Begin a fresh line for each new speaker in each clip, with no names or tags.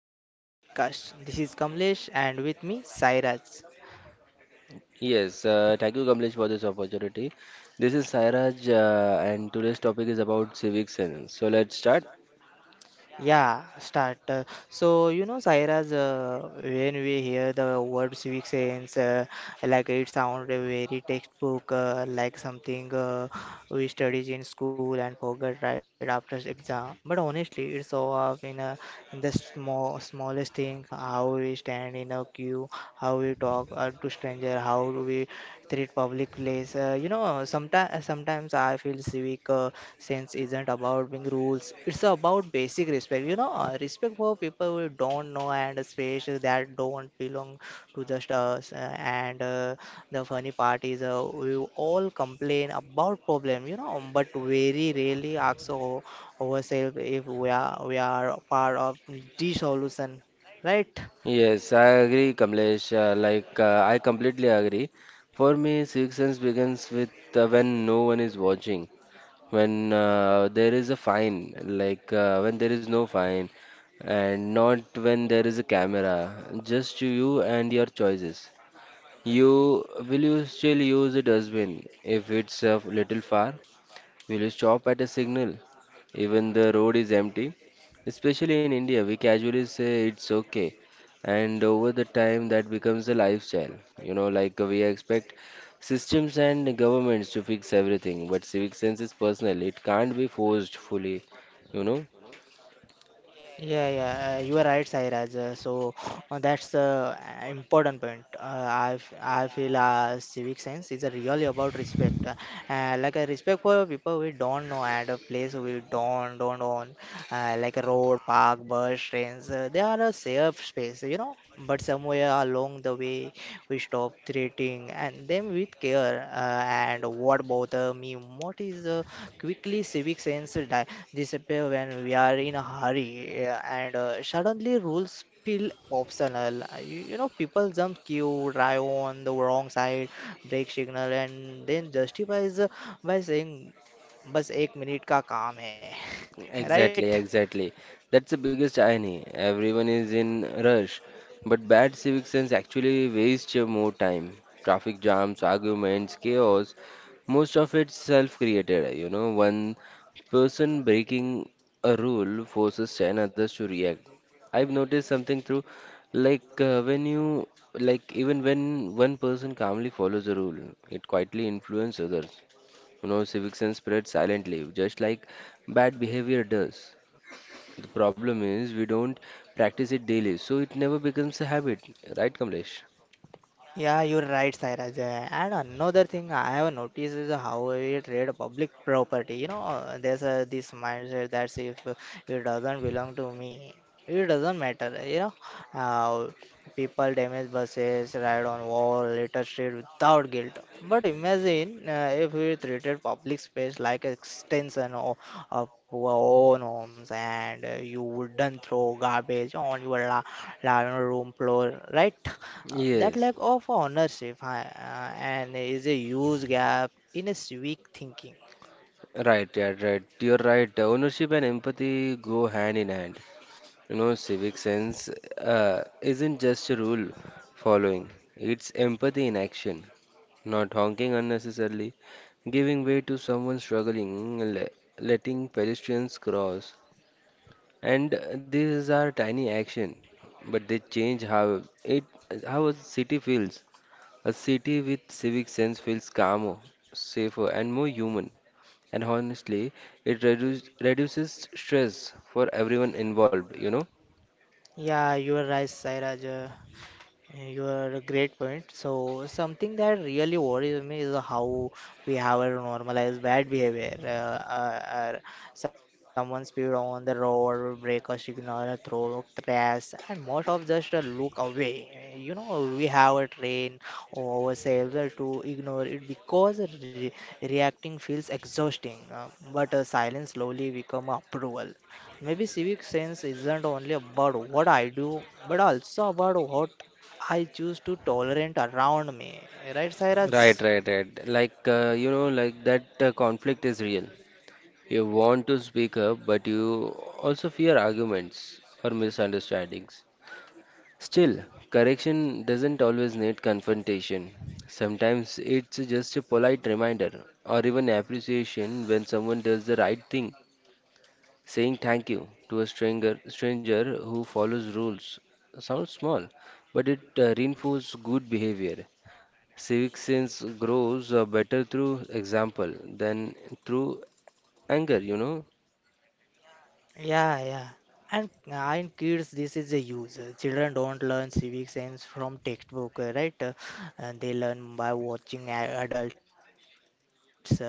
to the our podcast. This is Kamlesh and with me Sairaj.
Yes, Thank you, Kamlesh, for this opportunity. This is Sairaj, and today's topic is about civic sense. So let's start.
Yeah, start. So you know, Saira's, when we hear the word civic sense, like it sounds very textbook, like something we studied in school and forgot right after exam. But honestly, it's so up in the smallest thing, how we stand in a queue, how we talk to stranger, how we treat public place. Sometimes I feel civic sense isn't about being rules. It's about basic respect. Respect for people we don't know and especially that don't belong to just us. And the funny part is, we all complain about problem. But very rarely ask ourselves if we are part of the solution, right?
Yes, I agree, Kamlesh. I completely agree. For me, civic sense begins with when no one is watching, when there is a fine, when there is no fine, and not when there is a camera, just you and your choices. You still use a dustbin if it's a little far? We'll stop at a signal, even the road is empty. Especially in India, we casually say it's okay, and over the time that becomes a lifestyle. We expect systems and governments to fix everything, but civic sense is personal. It can't be forced fully. You know,
Yeah, yeah, you are right, Sairaj. So, that's the important point. I feel civic sense is really about respect, like a respect for people we don't know at a place we don't own, like a road, park, bus, trains. They are a safe space, you know, but somewhere along the way we stop treating and them with care, and what bother me what is quickly civic sense disappear when we are in a hurry, and suddenly rules feel optional. You know people jump queue, drive on the wrong side, break signal, and then justifies, by saying बस एक minute का काम है right.
exactly, exactly. That's the biggest irony. Everyone is in a rush, but bad civic sense actually wastes your more time. Traffic jams, arguments, chaos, most of it's self created, you know. One person breaking a rule forces 10 others to react. I've noticed something through when you like even when one person calmly follows a rule, it quietly influences others. You know, civic sense spreads silently, just like bad behavior does. The problem is we don't practice it daily, so it never becomes a habit, right, Kamlesh?
Yeah, you're right, Sairaj. Yeah. And another thing I have noticed is how we treat public property. There's this mindset that if it doesn't belong to me, it doesn't matter. Uh, People damage buses, ride on wall, litter street without guilt. But imagine, if we treated public space like an extension of our own homes, and, you wouldn't throw garbage on your large room floor, right? That
Yes,
lack of ownership and is a huge gap in a civic thinking.
right, yeah, right. You're right. Ownership and empathy go hand in hand. Civic sense isn't just a rule following, it's empathy in action, not honking unnecessarily, giving way to someone struggling, letting pedestrians cross. And these are tiny action, but they change how a city feels. A city with civic sense feels calmer, safer, and more human. And honestly, it reduces stress for everyone involved, you know.
Yeah, you are right, Sairaj. You are a great point. So something that really worries me is how we have a normalized bad behavior. Someone speed on the road, break a signal, throw trash, and most of just look away. We have a train ourselves, to ignore it because re reacting feels exhausting. But silence slowly become approval. Maybe civic sense isn't only about what I do, but also about what I choose to tolerant around me, right,
Right,
Sairaj?
right, right. Like that conflict is real. You want to speak up, but you also fear arguments or misunderstandings. Still, correction doesn't always need confrontation. Sometimes it's just a polite reminder or even appreciation when someone does the right thing. Saying thank you to a stranger who follows rules sounds small, but it reinforces good behavior. Civic sense grows better through example than through anger, you know.
Yeah, yeah. And in kids, this is a use. Children don't learn civic sense from textbook, right? And they learn by watching adults. And if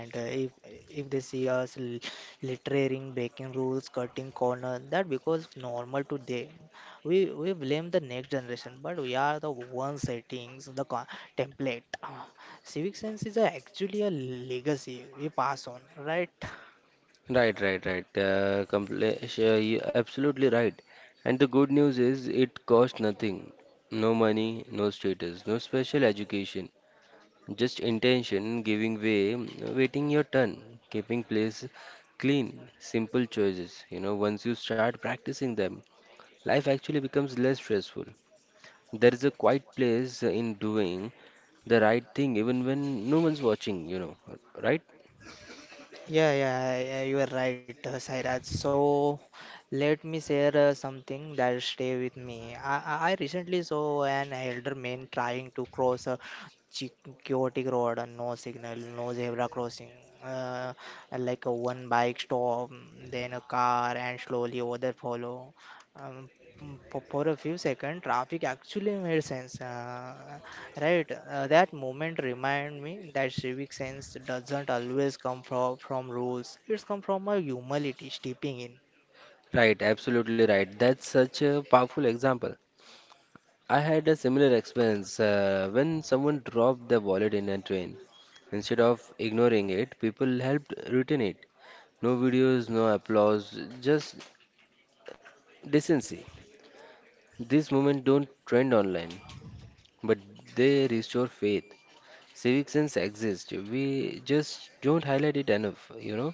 if they see us littering, breaking rules, cutting corners, that becomes normal to them. We blame the next generation, but we are the ones settings the template. Civic sense is actually a legacy we pass on, right?
Right, right, right. You absolutely right. And the good news is it costs nothing. No money, no status, no special education. Just intention, giving way, waiting your turn, keeping place clean, simple choices. You know, once you start practicing them, life actually becomes less stressful. There is a quiet place in doing the right thing even when no one's watching, you know, right?
Yeah, yeah, yeah, you are right, Sairaj. So let me share, something that stay with me. I recently saw an elder man trying to cross a chi- chaotic road, and no signal, no zebra crossing uh, and like a one bike stop, then a car, and slowly other follow. Um, mm, for, for a few seconds traffic actually made sense, right. That moment remind me that civic sense doesn't always come from rules. It's come from a humility stepping in.
Right, absolutely right. That's such a powerful example. I had a similar experience when someone dropped their wallet in a train. Instead of ignoring it, people helped return it. No videos, no applause, just decency. These moments don't trend online, but they restore faith. Civic sense exists, we just don't highlight it enough, you know.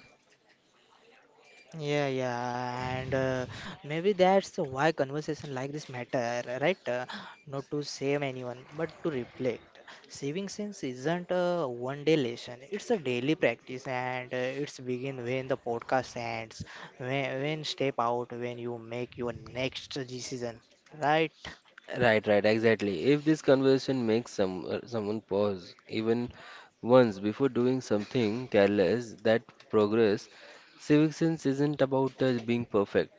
Yeah, yeah, and, maybe that's why conversation like this matter, right? Not to shame anyone, but to reflect. Saving sense isn't a one-day lesson; it's a daily practice, and, it's begin when the podcast ends, when step out, when you make your next decision, right?
Right, right, exactly. If this conversation makes someone pause even once before doing something careless, that progress, civic sense isn't about being perfect.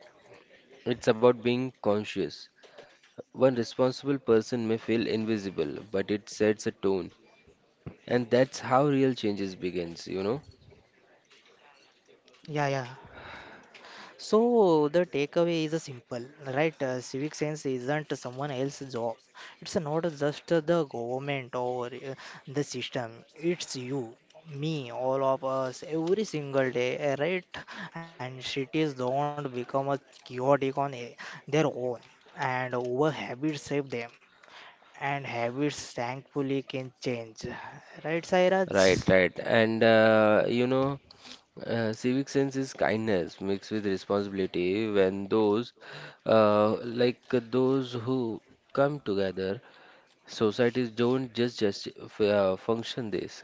It's about being conscious. One responsible person may feel invisible, but it sets a tone, and that's how real changes begins. You know.
Yeah, yeah. So the takeaway is a simple, right? Civic sense isn't someone else's job. It's not just the government or, the system. It's you, me, all of us, every single day, right? And cities don't become a chaotic on their own, and over habits save them, and habits thankfully can change, right,
Right,
Sairaj?
right, and uh, you know. Civic sense is kindness mixed with responsibility. When those uh, like those who come together, societies don't just function this,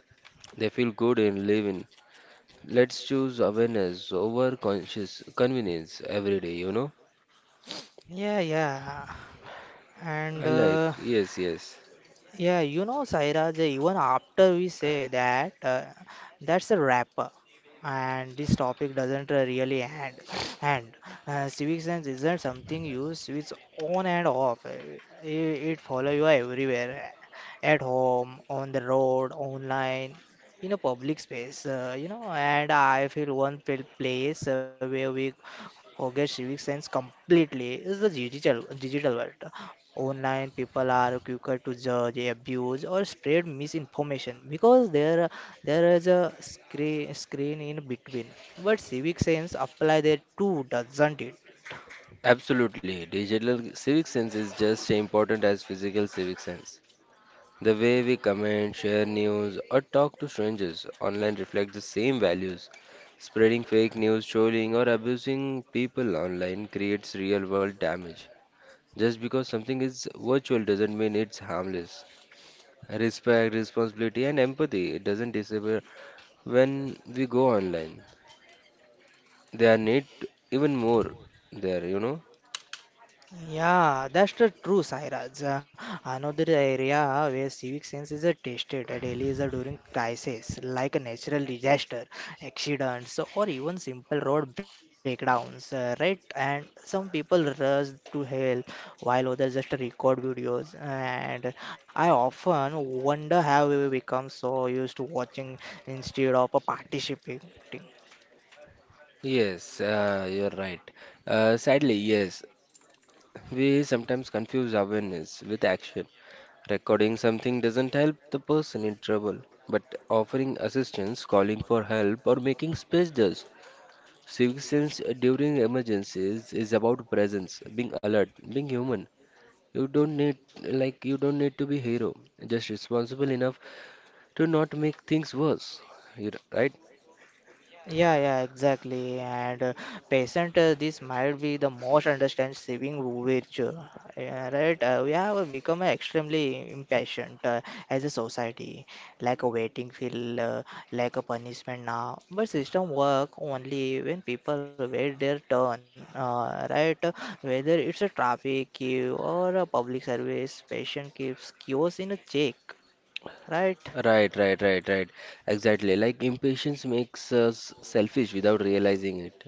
they feel good in living. Let's choose awareness over conscious convenience every day, you know.
Yeah, yeah.
I
and.
like, yes, yes.
Yeah, you know, Sairaj, even after we say that, that's a wrap up. And this topic doesn't, really end. And civic sense isn't something you switch on and off. It follow you everywhere, at home, on the road, online, in a public space. And I feel one place where we forget civic sense completely is the digital world. Online people are quicker to judge, abuse, or spread misinformation because there is a screen in between. But civic sense apply there too, doesn't it?
Absolutely digital civic sense is just as important as physical civic sense. The way we comment, share news, or talk to strangers online reflects the same values. Spreading fake news, trolling, or abusing people online creates real world damage. Just because something is virtual doesn't mean it's harmless. Respect, responsibility, and empathy, it doesn't disappear when we go online. They are need even more there, you know.
Yeah, that's the true, Sairaj. Another area where civic sense is tested daily is during crises like a natural disaster, accidents, or even simple road breakdowns, right? And some people rush to help while others just record videos. And I often wonder how we become so used to watching instead of, participating.
Yes, you're right. Sadly, yes, we sometimes confuse awareness with action. Recording something doesn't help the person in trouble, but offering assistance, calling for help, or making space does. Civic sense during emergencies is about presence, being alert, being human. You don't need to be hero, just responsible enough to not make things worse. You right?
Yeah, yeah, exactly. And patient, this might be the most understand saving virtue, yeah, right? We have become extremely impatient, as a society, like a waiting feel, like a punishment now. But system work only when people wait their turn, right? Whether it's a traffic queue or a public service, patient keeps queues in a check, right?
Right, right, right, right. Exactly. Like impatience makes us selfish without realizing it.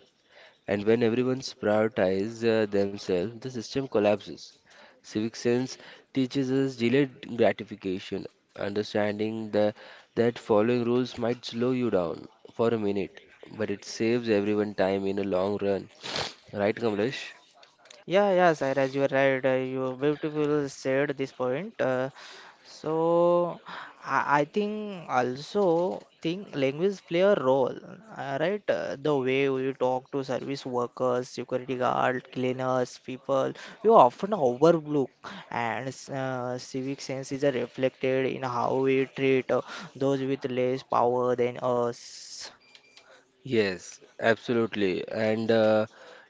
And when everyone's prioritizes themselves, the system collapses. Civic sense teaches us delayed gratification, understanding the, that following rules might slow you down for a minute, but it saves everyone time in the long run. Right, Kamlesh?
Yeah, yeah, Sairaj, you are right. You beautiful said this point. So I think also think language play a role, right? The way you talk to service workers, security guard, cleaners, people, you often overlook, and civic sense is reflected in how we treat those with less power than us.
Yes, absolutely. And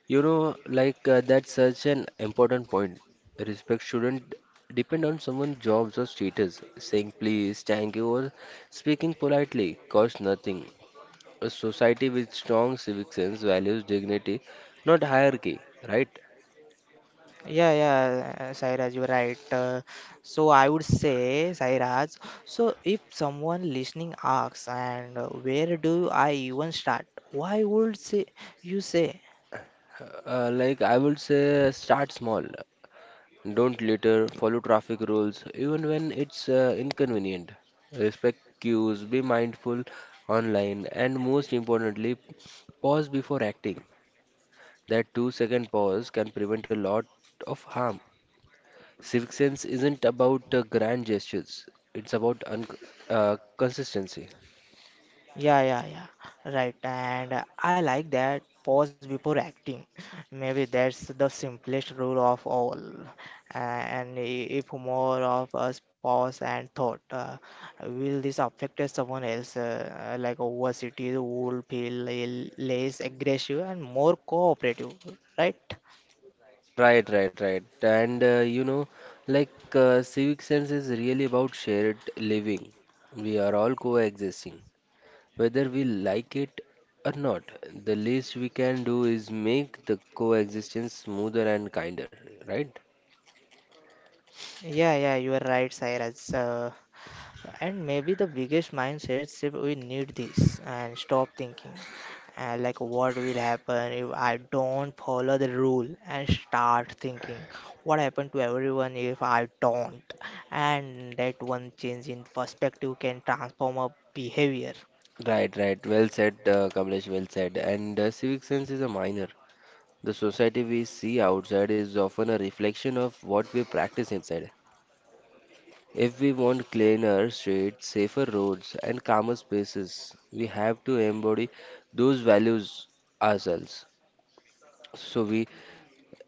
you know, like That's such an important point. Respect shouldn't depend on someone's jobs or status. Saying please, thank you, or speaking politely costs nothing. A society with strong civic sense values dignity, not hierarchy, right?
Yeah, yeah, Sairaj, you're right. So I would say, Sairaj, so if someone listening asks, and where do I even start? Why would say you say?
I would say, start small. Don't litter, follow traffic rules, even when it's inconvenient. Respect queues. Be mindful online, and most importantly, pause before acting. That 2 second pause can prevent a lot of harm. Civic sense isn't about grand gestures, it's about consistency.
Yeah, yeah, yeah. Right. And I like that pause before acting. Maybe that's the simplest rule of all. Uh, And if more of us pause and thought, will this affect someone else? Like over cities will feel less aggressive and more cooperative, right?
Right, right, right. And you know, like Civic sense is really about shared living. We are all coexisting, whether we like it or not, the least we can do is make the coexistence smoother and kinder, right?
Yeah, yeah, you are right, Cyrus. And maybe the biggest mindset shift we need this and stop thinking, like what will happen if I don't follow the rule and start thinking what happened to everyone if I don't. And that one change in perspective can transform a behavior.
Right, right. Well said, Kamlesh, well said. And civic sense is a minor. The society we see outside is often a reflection of what we practice inside. If we want cleaner streets, safer roads, and calmer spaces, we have to embody those values ourselves. So we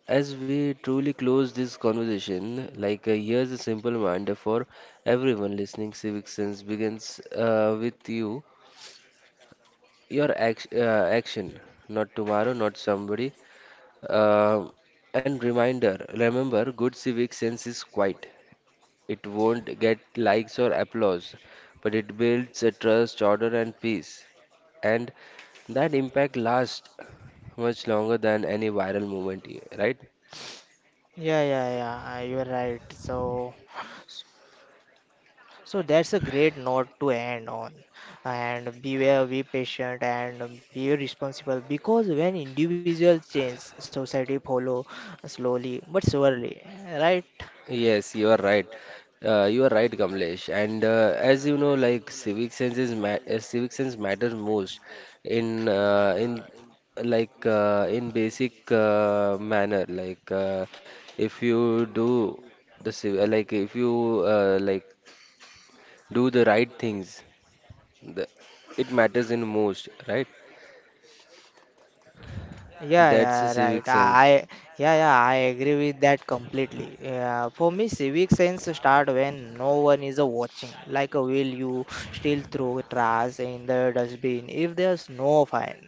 As we truly close this conversation, here's a simple reminder for everyone listening. Civic sense begins with you, your action, not tomorrow, not somebody. Uh, and remember, good civic sense is quiet. It won't get likes or applause, but it builds a trust, order, and peace. And that impact lasts much longer than any viral moment, right?
Yeah, yeah, yeah, you are right. So. So that's a great note to end on. And beware, be patient, and be responsible. Because when individuals change, society follow slowly but surely, right?
Yes, you are right. You are right, Kamlesh. And As you know, like civic sense matter most in in basic manner. Like if you do the civ like if you do the right things, the, it matters in most, right?
Yeah,
That's the
yeah,
civic
right.
sense.
Yeah, yeah, I agree with that completely. Yeah, for me, civic sense start when no one is watching. Like, will you still throw trash in the dustbin if there's no fine?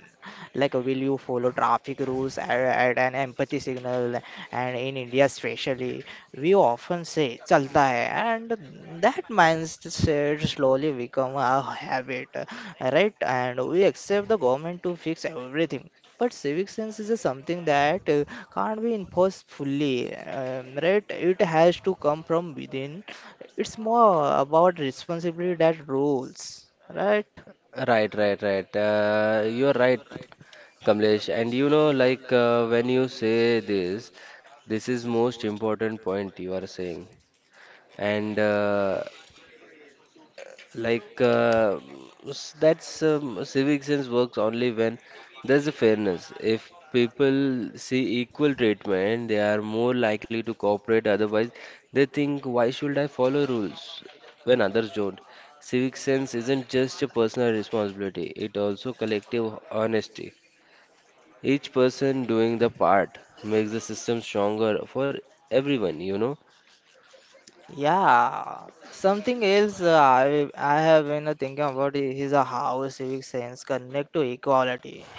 Like, will you follow traffic rules at an empathy signal? And in India, especially, we often say "chalta hai," and that mindset slowly become a habit, right? And we accept the government to fix everything but civic sense is a something that, can't be enforced fully, right? It has to come from within. It's more about responsibility that rules, right?
Right, right, right. You are right, Kamlesh, and you know, when you say this, this is most important point you are saying, and like s- that's civic sense works only when there's a fairness. If people see equal treatment, they are more likely to cooperate. Otherwise, they think, why should I follow rules when others don't? Civic sense isn't just a personal responsibility; it also collective honesty. Each person doing the part makes the system stronger for everyone, you know.
Yeah, something else, I have been thinking about is how civic sense connect to equality,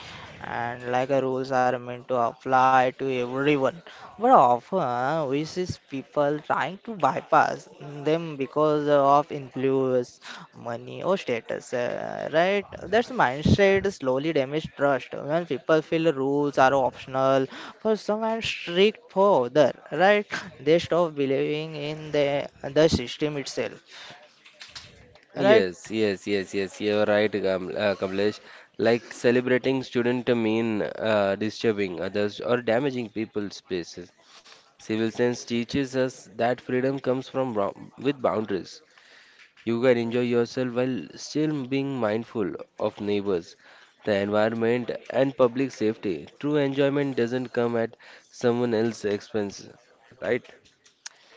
and like, rules are meant to apply to everyone, but often we see people trying to bypass them because of influence, money, or status. Right? That's mindset slowly damage trust when people feel rules are optional for some and strict for other, right? They stop believing in the system itself, right?
Yes, yes, yes, yes. You're right, Kamlesh. Like celebrating student mean disturbing others or damaging people's spaces. Civil sense teaches us that freedom comes from with boundaries. You can enjoy yourself while still being mindful of neighbors, the environment, and public safety. True enjoyment doesn't come at someone else's expense, right?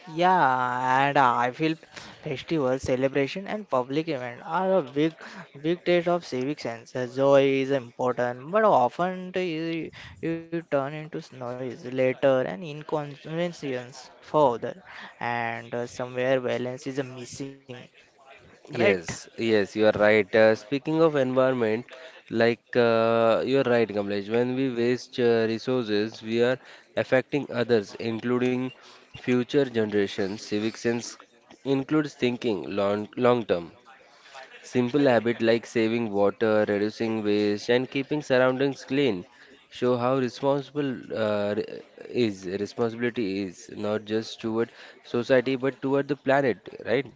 Yeah, and I feel festivals celebration and public event are a big test of civic sense. Joy is important, but often to you turn into noise later and inconvenience for other, and somewhere balance is missing, right?
Yes, yes, you are right. Speaking of environment, you are right, Kamlesh. When we waste resources, we are affecting others, including future generations. Civic sense includes thinking long term. Simple habit like saving water, reducing waste, and keeping surroundings clean show how responsible re- is responsibility is not just toward society but toward the planet, right?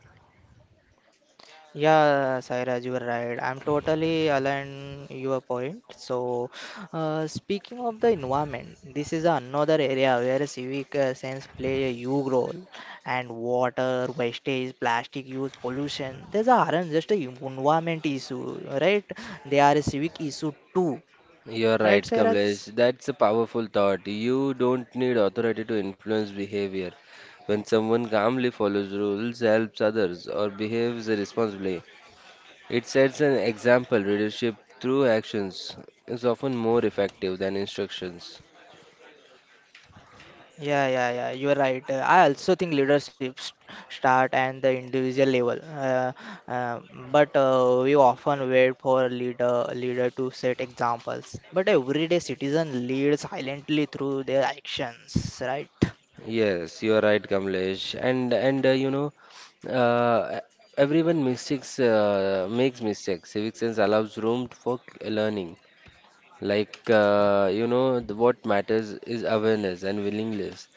Yeah, Sairaj, you were right. I'm totally aligned your point. So, speaking of the environment, this is another area where civic sense play a huge role. And water, wastage, plastic use, pollution, these aren't just a environment issue, right? They are a civic issue too,
You're
right,
right,
Sairaj?
Kamlesh. That's a powerful thought. You don't need authority to influence behavior. When someone calmly follows rules, helps others, or behaves responsibly, it sets an example. Leadership through actions is often more effective than instructions.
Yeah, yeah, yeah. You are right. I also think leadership start at the individual level, uh, but we often wait for a leader to set examples. But everyday citizen lead silently through their actions, right?
Yes, you are right, Kamlesh. Uh, Everyone mistakes makes mistakes. Civic sense allows room for learning. Like, what matters is awareness and willingness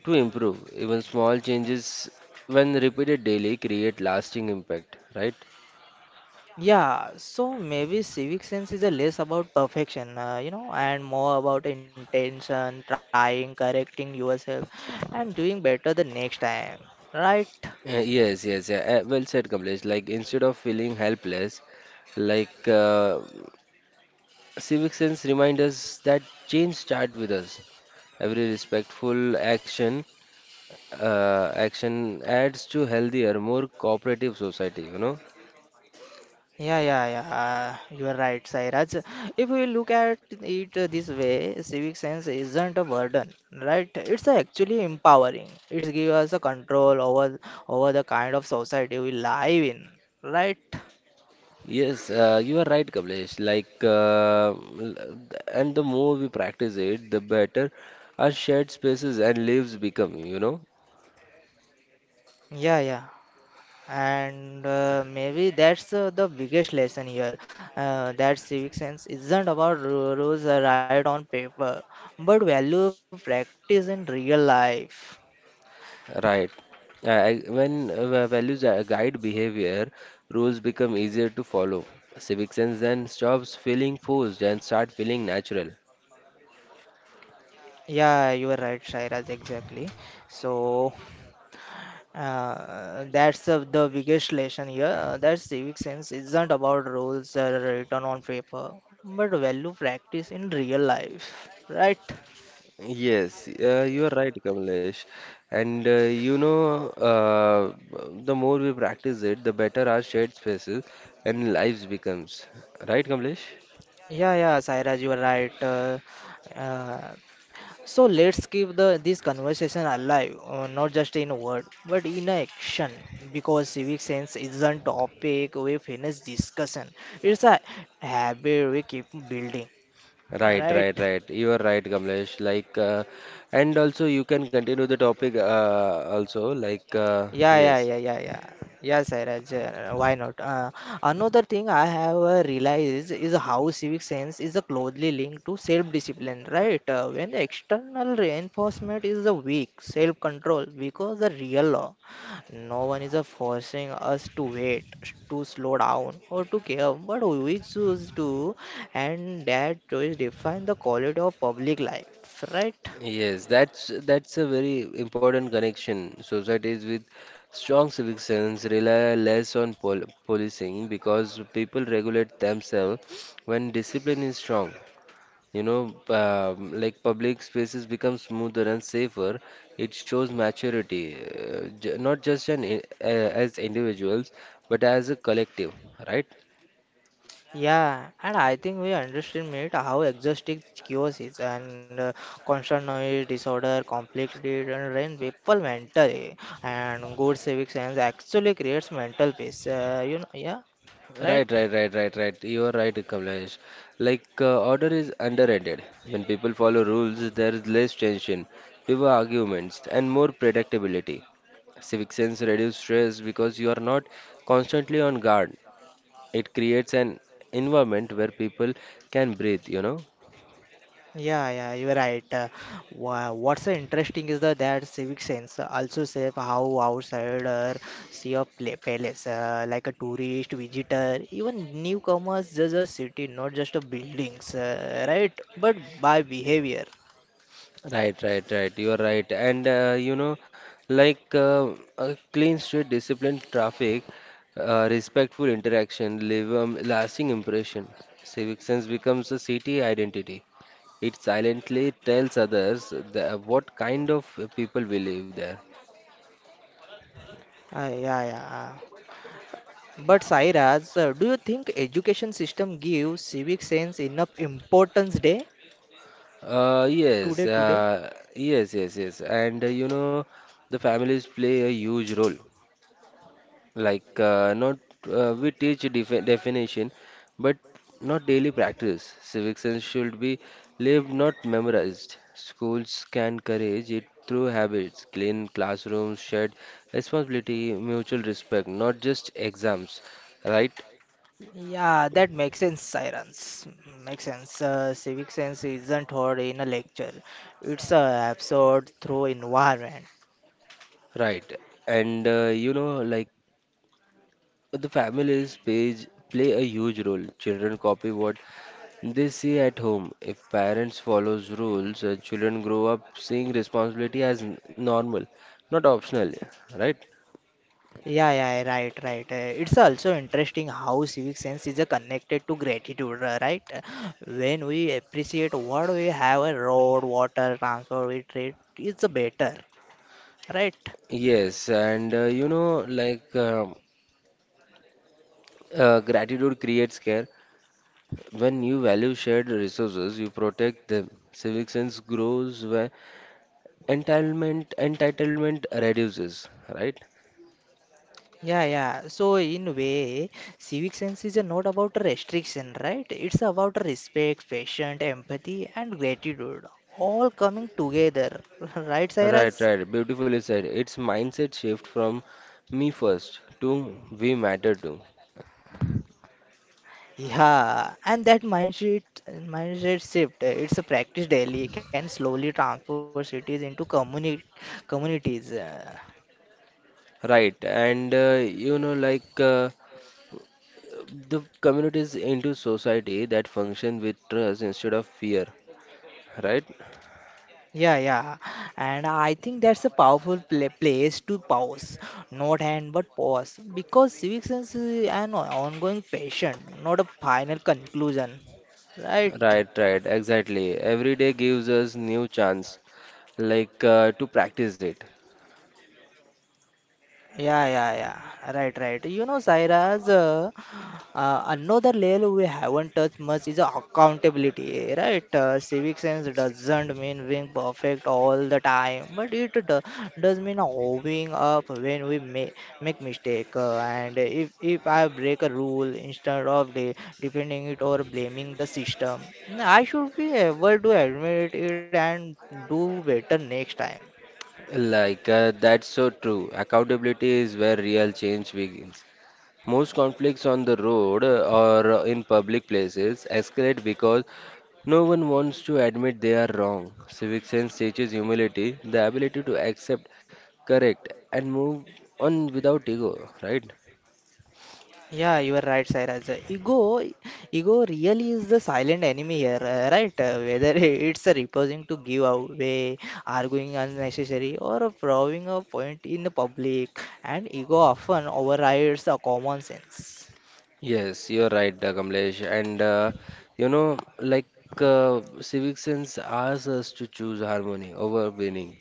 to improve. Even small changes, when repeated daily, create lasting impact, right?
Yeah, so maybe civic sense is a less about perfection, and more about intention, trying, correcting yourself, and doing better the next time, right?
Yes, yeah. Well said, Kamlesh. Like, instead of feeling helpless, like uh, civic sense reminds us that change starts with us. Every respectful action adds to healthier, more cooperative society, you know?
Yeah, yeah, yeah. You are right, Sairaj. If we look at it this way, civic sense isn't a burden, right? It's actually empowering. It gives us a control over the kind of society we live in, right?
Yes, you are right, Kamlesh. And the more we practice it, the better our shared spaces and lives become, you know?
Yeah, yeah. And maybe that's the biggest lesson here. That civic sense isn't about rules right on paper, but value practice in real life.
Right. When values guide behavior, rules become easier to follow. Civic sense then stops feeling forced and start feeling natural.
Yeah, you are right, Shairaj, exactly. So, that's the biggest lesson here. That civic sense isn't about rules that are written on paper, but value practice in real life, right?
Yes, you are right, Kamlesh. And uh, you know, uh, the more we practice it, the better our shared spaces and lives becomes. Right, Kamlesh?
Yeah, yeah, Sairaj, you are right. Uh, So let's keep the this conversation alive, not just in word, but in action. Because civic sense isn't topic we finish discussion. It's a habit we keep building,
Right,
right?
right, right. You are right, Kamlesh. And also you can continue the topic also. Like,
Yeah, yeah,
yes.
yeah, yeah, yeah. Yeah, Sairaj, why not? Another thing I have realized is how civic sense is closely linked to self-discipline, right? When the external reinforcement is weak, self-control, because the real law, no one is forcing us to wait, to slow down, or to care, but we choose to, and that choice define the quality of public life, right?
Yes, that's a very important connection. Societies with strong civic sense rely less on policing because people regulate themselves when discipline is strong. Like public spaces become smoother and safer. It shows maturity, j not just as individuals, but as a collective, right?
Yeah, and I think we underestimate how exhausting chaos is and constant noise, disorder, conflict, it and drain people mentally. And good civic sense actually creates mental peace. You know, yeah, right.
Right, right, right, right, right. You are right, Kamlesh. Order is underrated. When people follow rules, there is less tension, fewer arguments, and more predictability. Civic sense reduces stress because you are not constantly on guard. It creates an environment where people can breathe, you know?
Yeah, yeah, you're right. What's interesting is that civic sense also says how outsider see a pla palace, like a tourist, visitor, even newcomers judge a city, not just the buildings, right? But by behavior.
Right, right, right. You are right. And you know, like A clean street, disciplined traffic, respectful interaction, leave a lasting impression. Civic sense becomes a city identity. It silently tells others what kind of people will live there.
Yeah, yeah. But Sairaj, do you think education system gives civic sense enough importance day today today?
Yes, yes, yes. The families play a huge role. Like not We teach definition, but not daily practice. Civic sense should be lived, not memorized. Schools can encourage it through habits, clean classrooms, shared responsibility, mutual respect, not just exams. Right,
Yeah, that makes sense, Sirens. Makes sense. Civic sense isn't taught in a lecture. It's absorbed through environment.
right. Like the families page play a huge role. Children copy what they see at home. If parents follows rules, children grow up seeing responsibility as normal, not optional, right?
Yeah, yeah, right, right. It's also interesting how civic sense is connected to gratitude, right? When we appreciate what we have, road, water, transport, we treat it's better, right?
Yes, and you know, like gratitude creates care. When you value shared resources, you protect them. Civic sense grows when entitlement reduces, right?
Yeah, yeah. So in way, civic sense is not about a restriction, right? It's about respect, patience, empathy, and gratitude, all coming together, right,
Right,
Cyrus?
right. Beautifully said. It's mindset shift from me first to we matter too.
Yeah, and that mindset shift, it's a practice daily, can slowly transform cities into communities.
Right, and you know, like the communities into society that function with trust instead of fear, right?
Yeah, yeah. And I think that's a powerful place to pause, not hand but pause, because civic sense is an ongoing passion, not a final conclusion, right?
Right, right, exactly. Every day gives us new chance, to practice it.
Yeah, yeah, yeah. Right, right. You know, Saira's another layer we haven't touched much is accountability, right? Civic sense doesn't mean being perfect all the time, but does mean owning up when we make mistake. And if I break a rule instead of de defending it or blaming the system, I should be able to admit it and do better next time.
That's so true. Accountability is where real change begins. Most conflicts on the road or in public places escalate because no one wants to admit they are wrong. Civic sense teaches humility, the ability to accept, correct, and move on without ego, right?
Yeah, you are right, Sairaj. Ego really is the silent enemy here, right? Whether it's a refusing to give away, arguing unnecessary, or proving a point in the public, and ego often overrides the common sense.
Yes, you're right, Kamlesh. And you know, like Civic sense asks us to choose harmony over winning.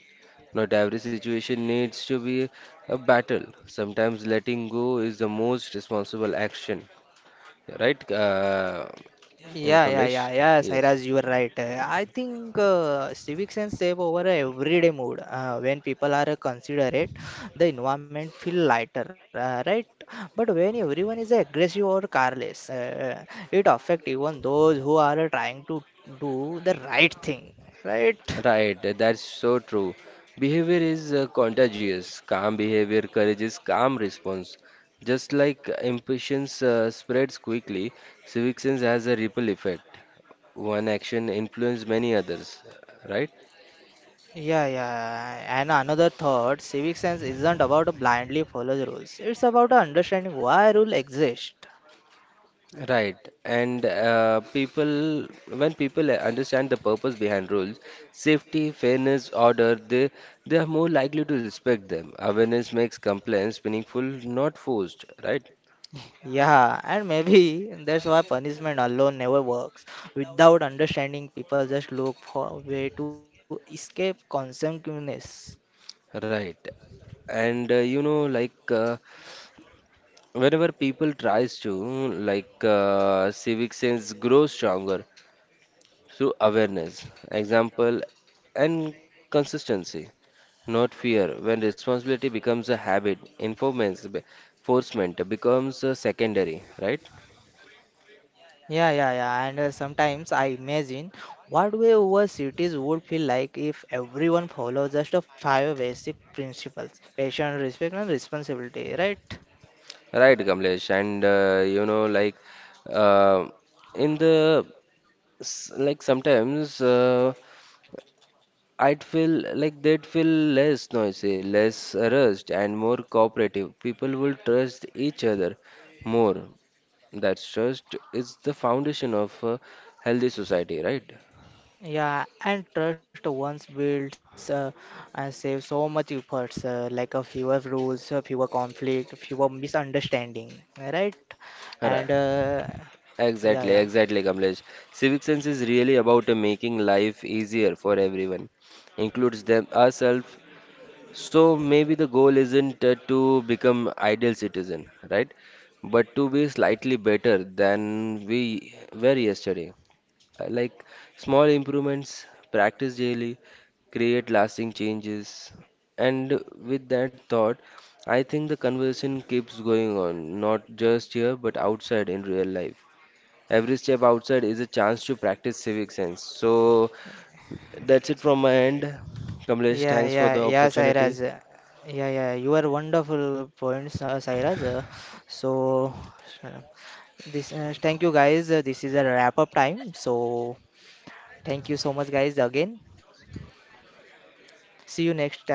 Not every situation needs to be a battle. Sometimes letting go is the most responsible action, right? You know,
Yeah, yeah, yeah,
Kamlesh?
yeah,
Yes.
Sairaj, you are right. I think civic sense save over a everyday mood. When people are considerate, the environment feel lighter, right? But when everyone is aggressive or careless, it affect even those who are trying to do the right thing, right?
Right, that's so true. Behavior is contagious. Calm behavior encourages calm response. Just like impatience spreads quickly, civic sense has a ripple effect. One action influences many others, right?
Yeah, yeah. And another thought, civic sense isn't about blindly follow the rules. It's about understanding why rule exist.
Right. And people, when people understand the purpose behind rules, safety, fairness, order, they are more likely to respect them. Awareness makes compliance meaningful, not forced, right?
Yeah, and maybe that's why punishment alone never works. Without understanding, people just look for a way to escape consequences.
Right. And you know, like whenever people tries to, civic sense grows stronger through awareness, example, and consistency, not fear. When responsibility becomes a habit, enforcement becomes secondary, right?
Yeah, yeah, yeah. And sometimes I imagine what way our cities would feel like if everyone follows just a five basic principles: patience, respect, and responsibility. Right?
Right, Kamlesh. And you know, like uh, in the s- like sometimes, I'd feel like they'd feel less noisy, less rushed, and more cooperative. People will trust each other more. That trust is the foundation of a healthy society, right?
Yeah, and trust once builds saves so much efforts, like a fewer rules, fewer conflict, fewer misunderstanding, right? And
Right.
yeah, yeah,
Exactly, exactly, Kamlesh. Civic sense is really about making life easier for everyone, includes them ourselves. So maybe the goal isn't to become ideal citizen, right? But to be slightly better than we were yesterday. Uh, Like Small improvements, practice daily, create lasting changes. And with that thought, I think the conversation keeps going on, not just here, but outside in real life. Every step outside is a chance to practice civic sense. So that's it from my end. Kamlesh,
yeah,
thanks for
yeah,
the
yeah, Sairaj.
opportunity.
Yeah, yeah, you are wonderful points, Sairaj. So, uh, this thank you guys. This is a wrap up time. So, thank you so much, guys, again. See you next time.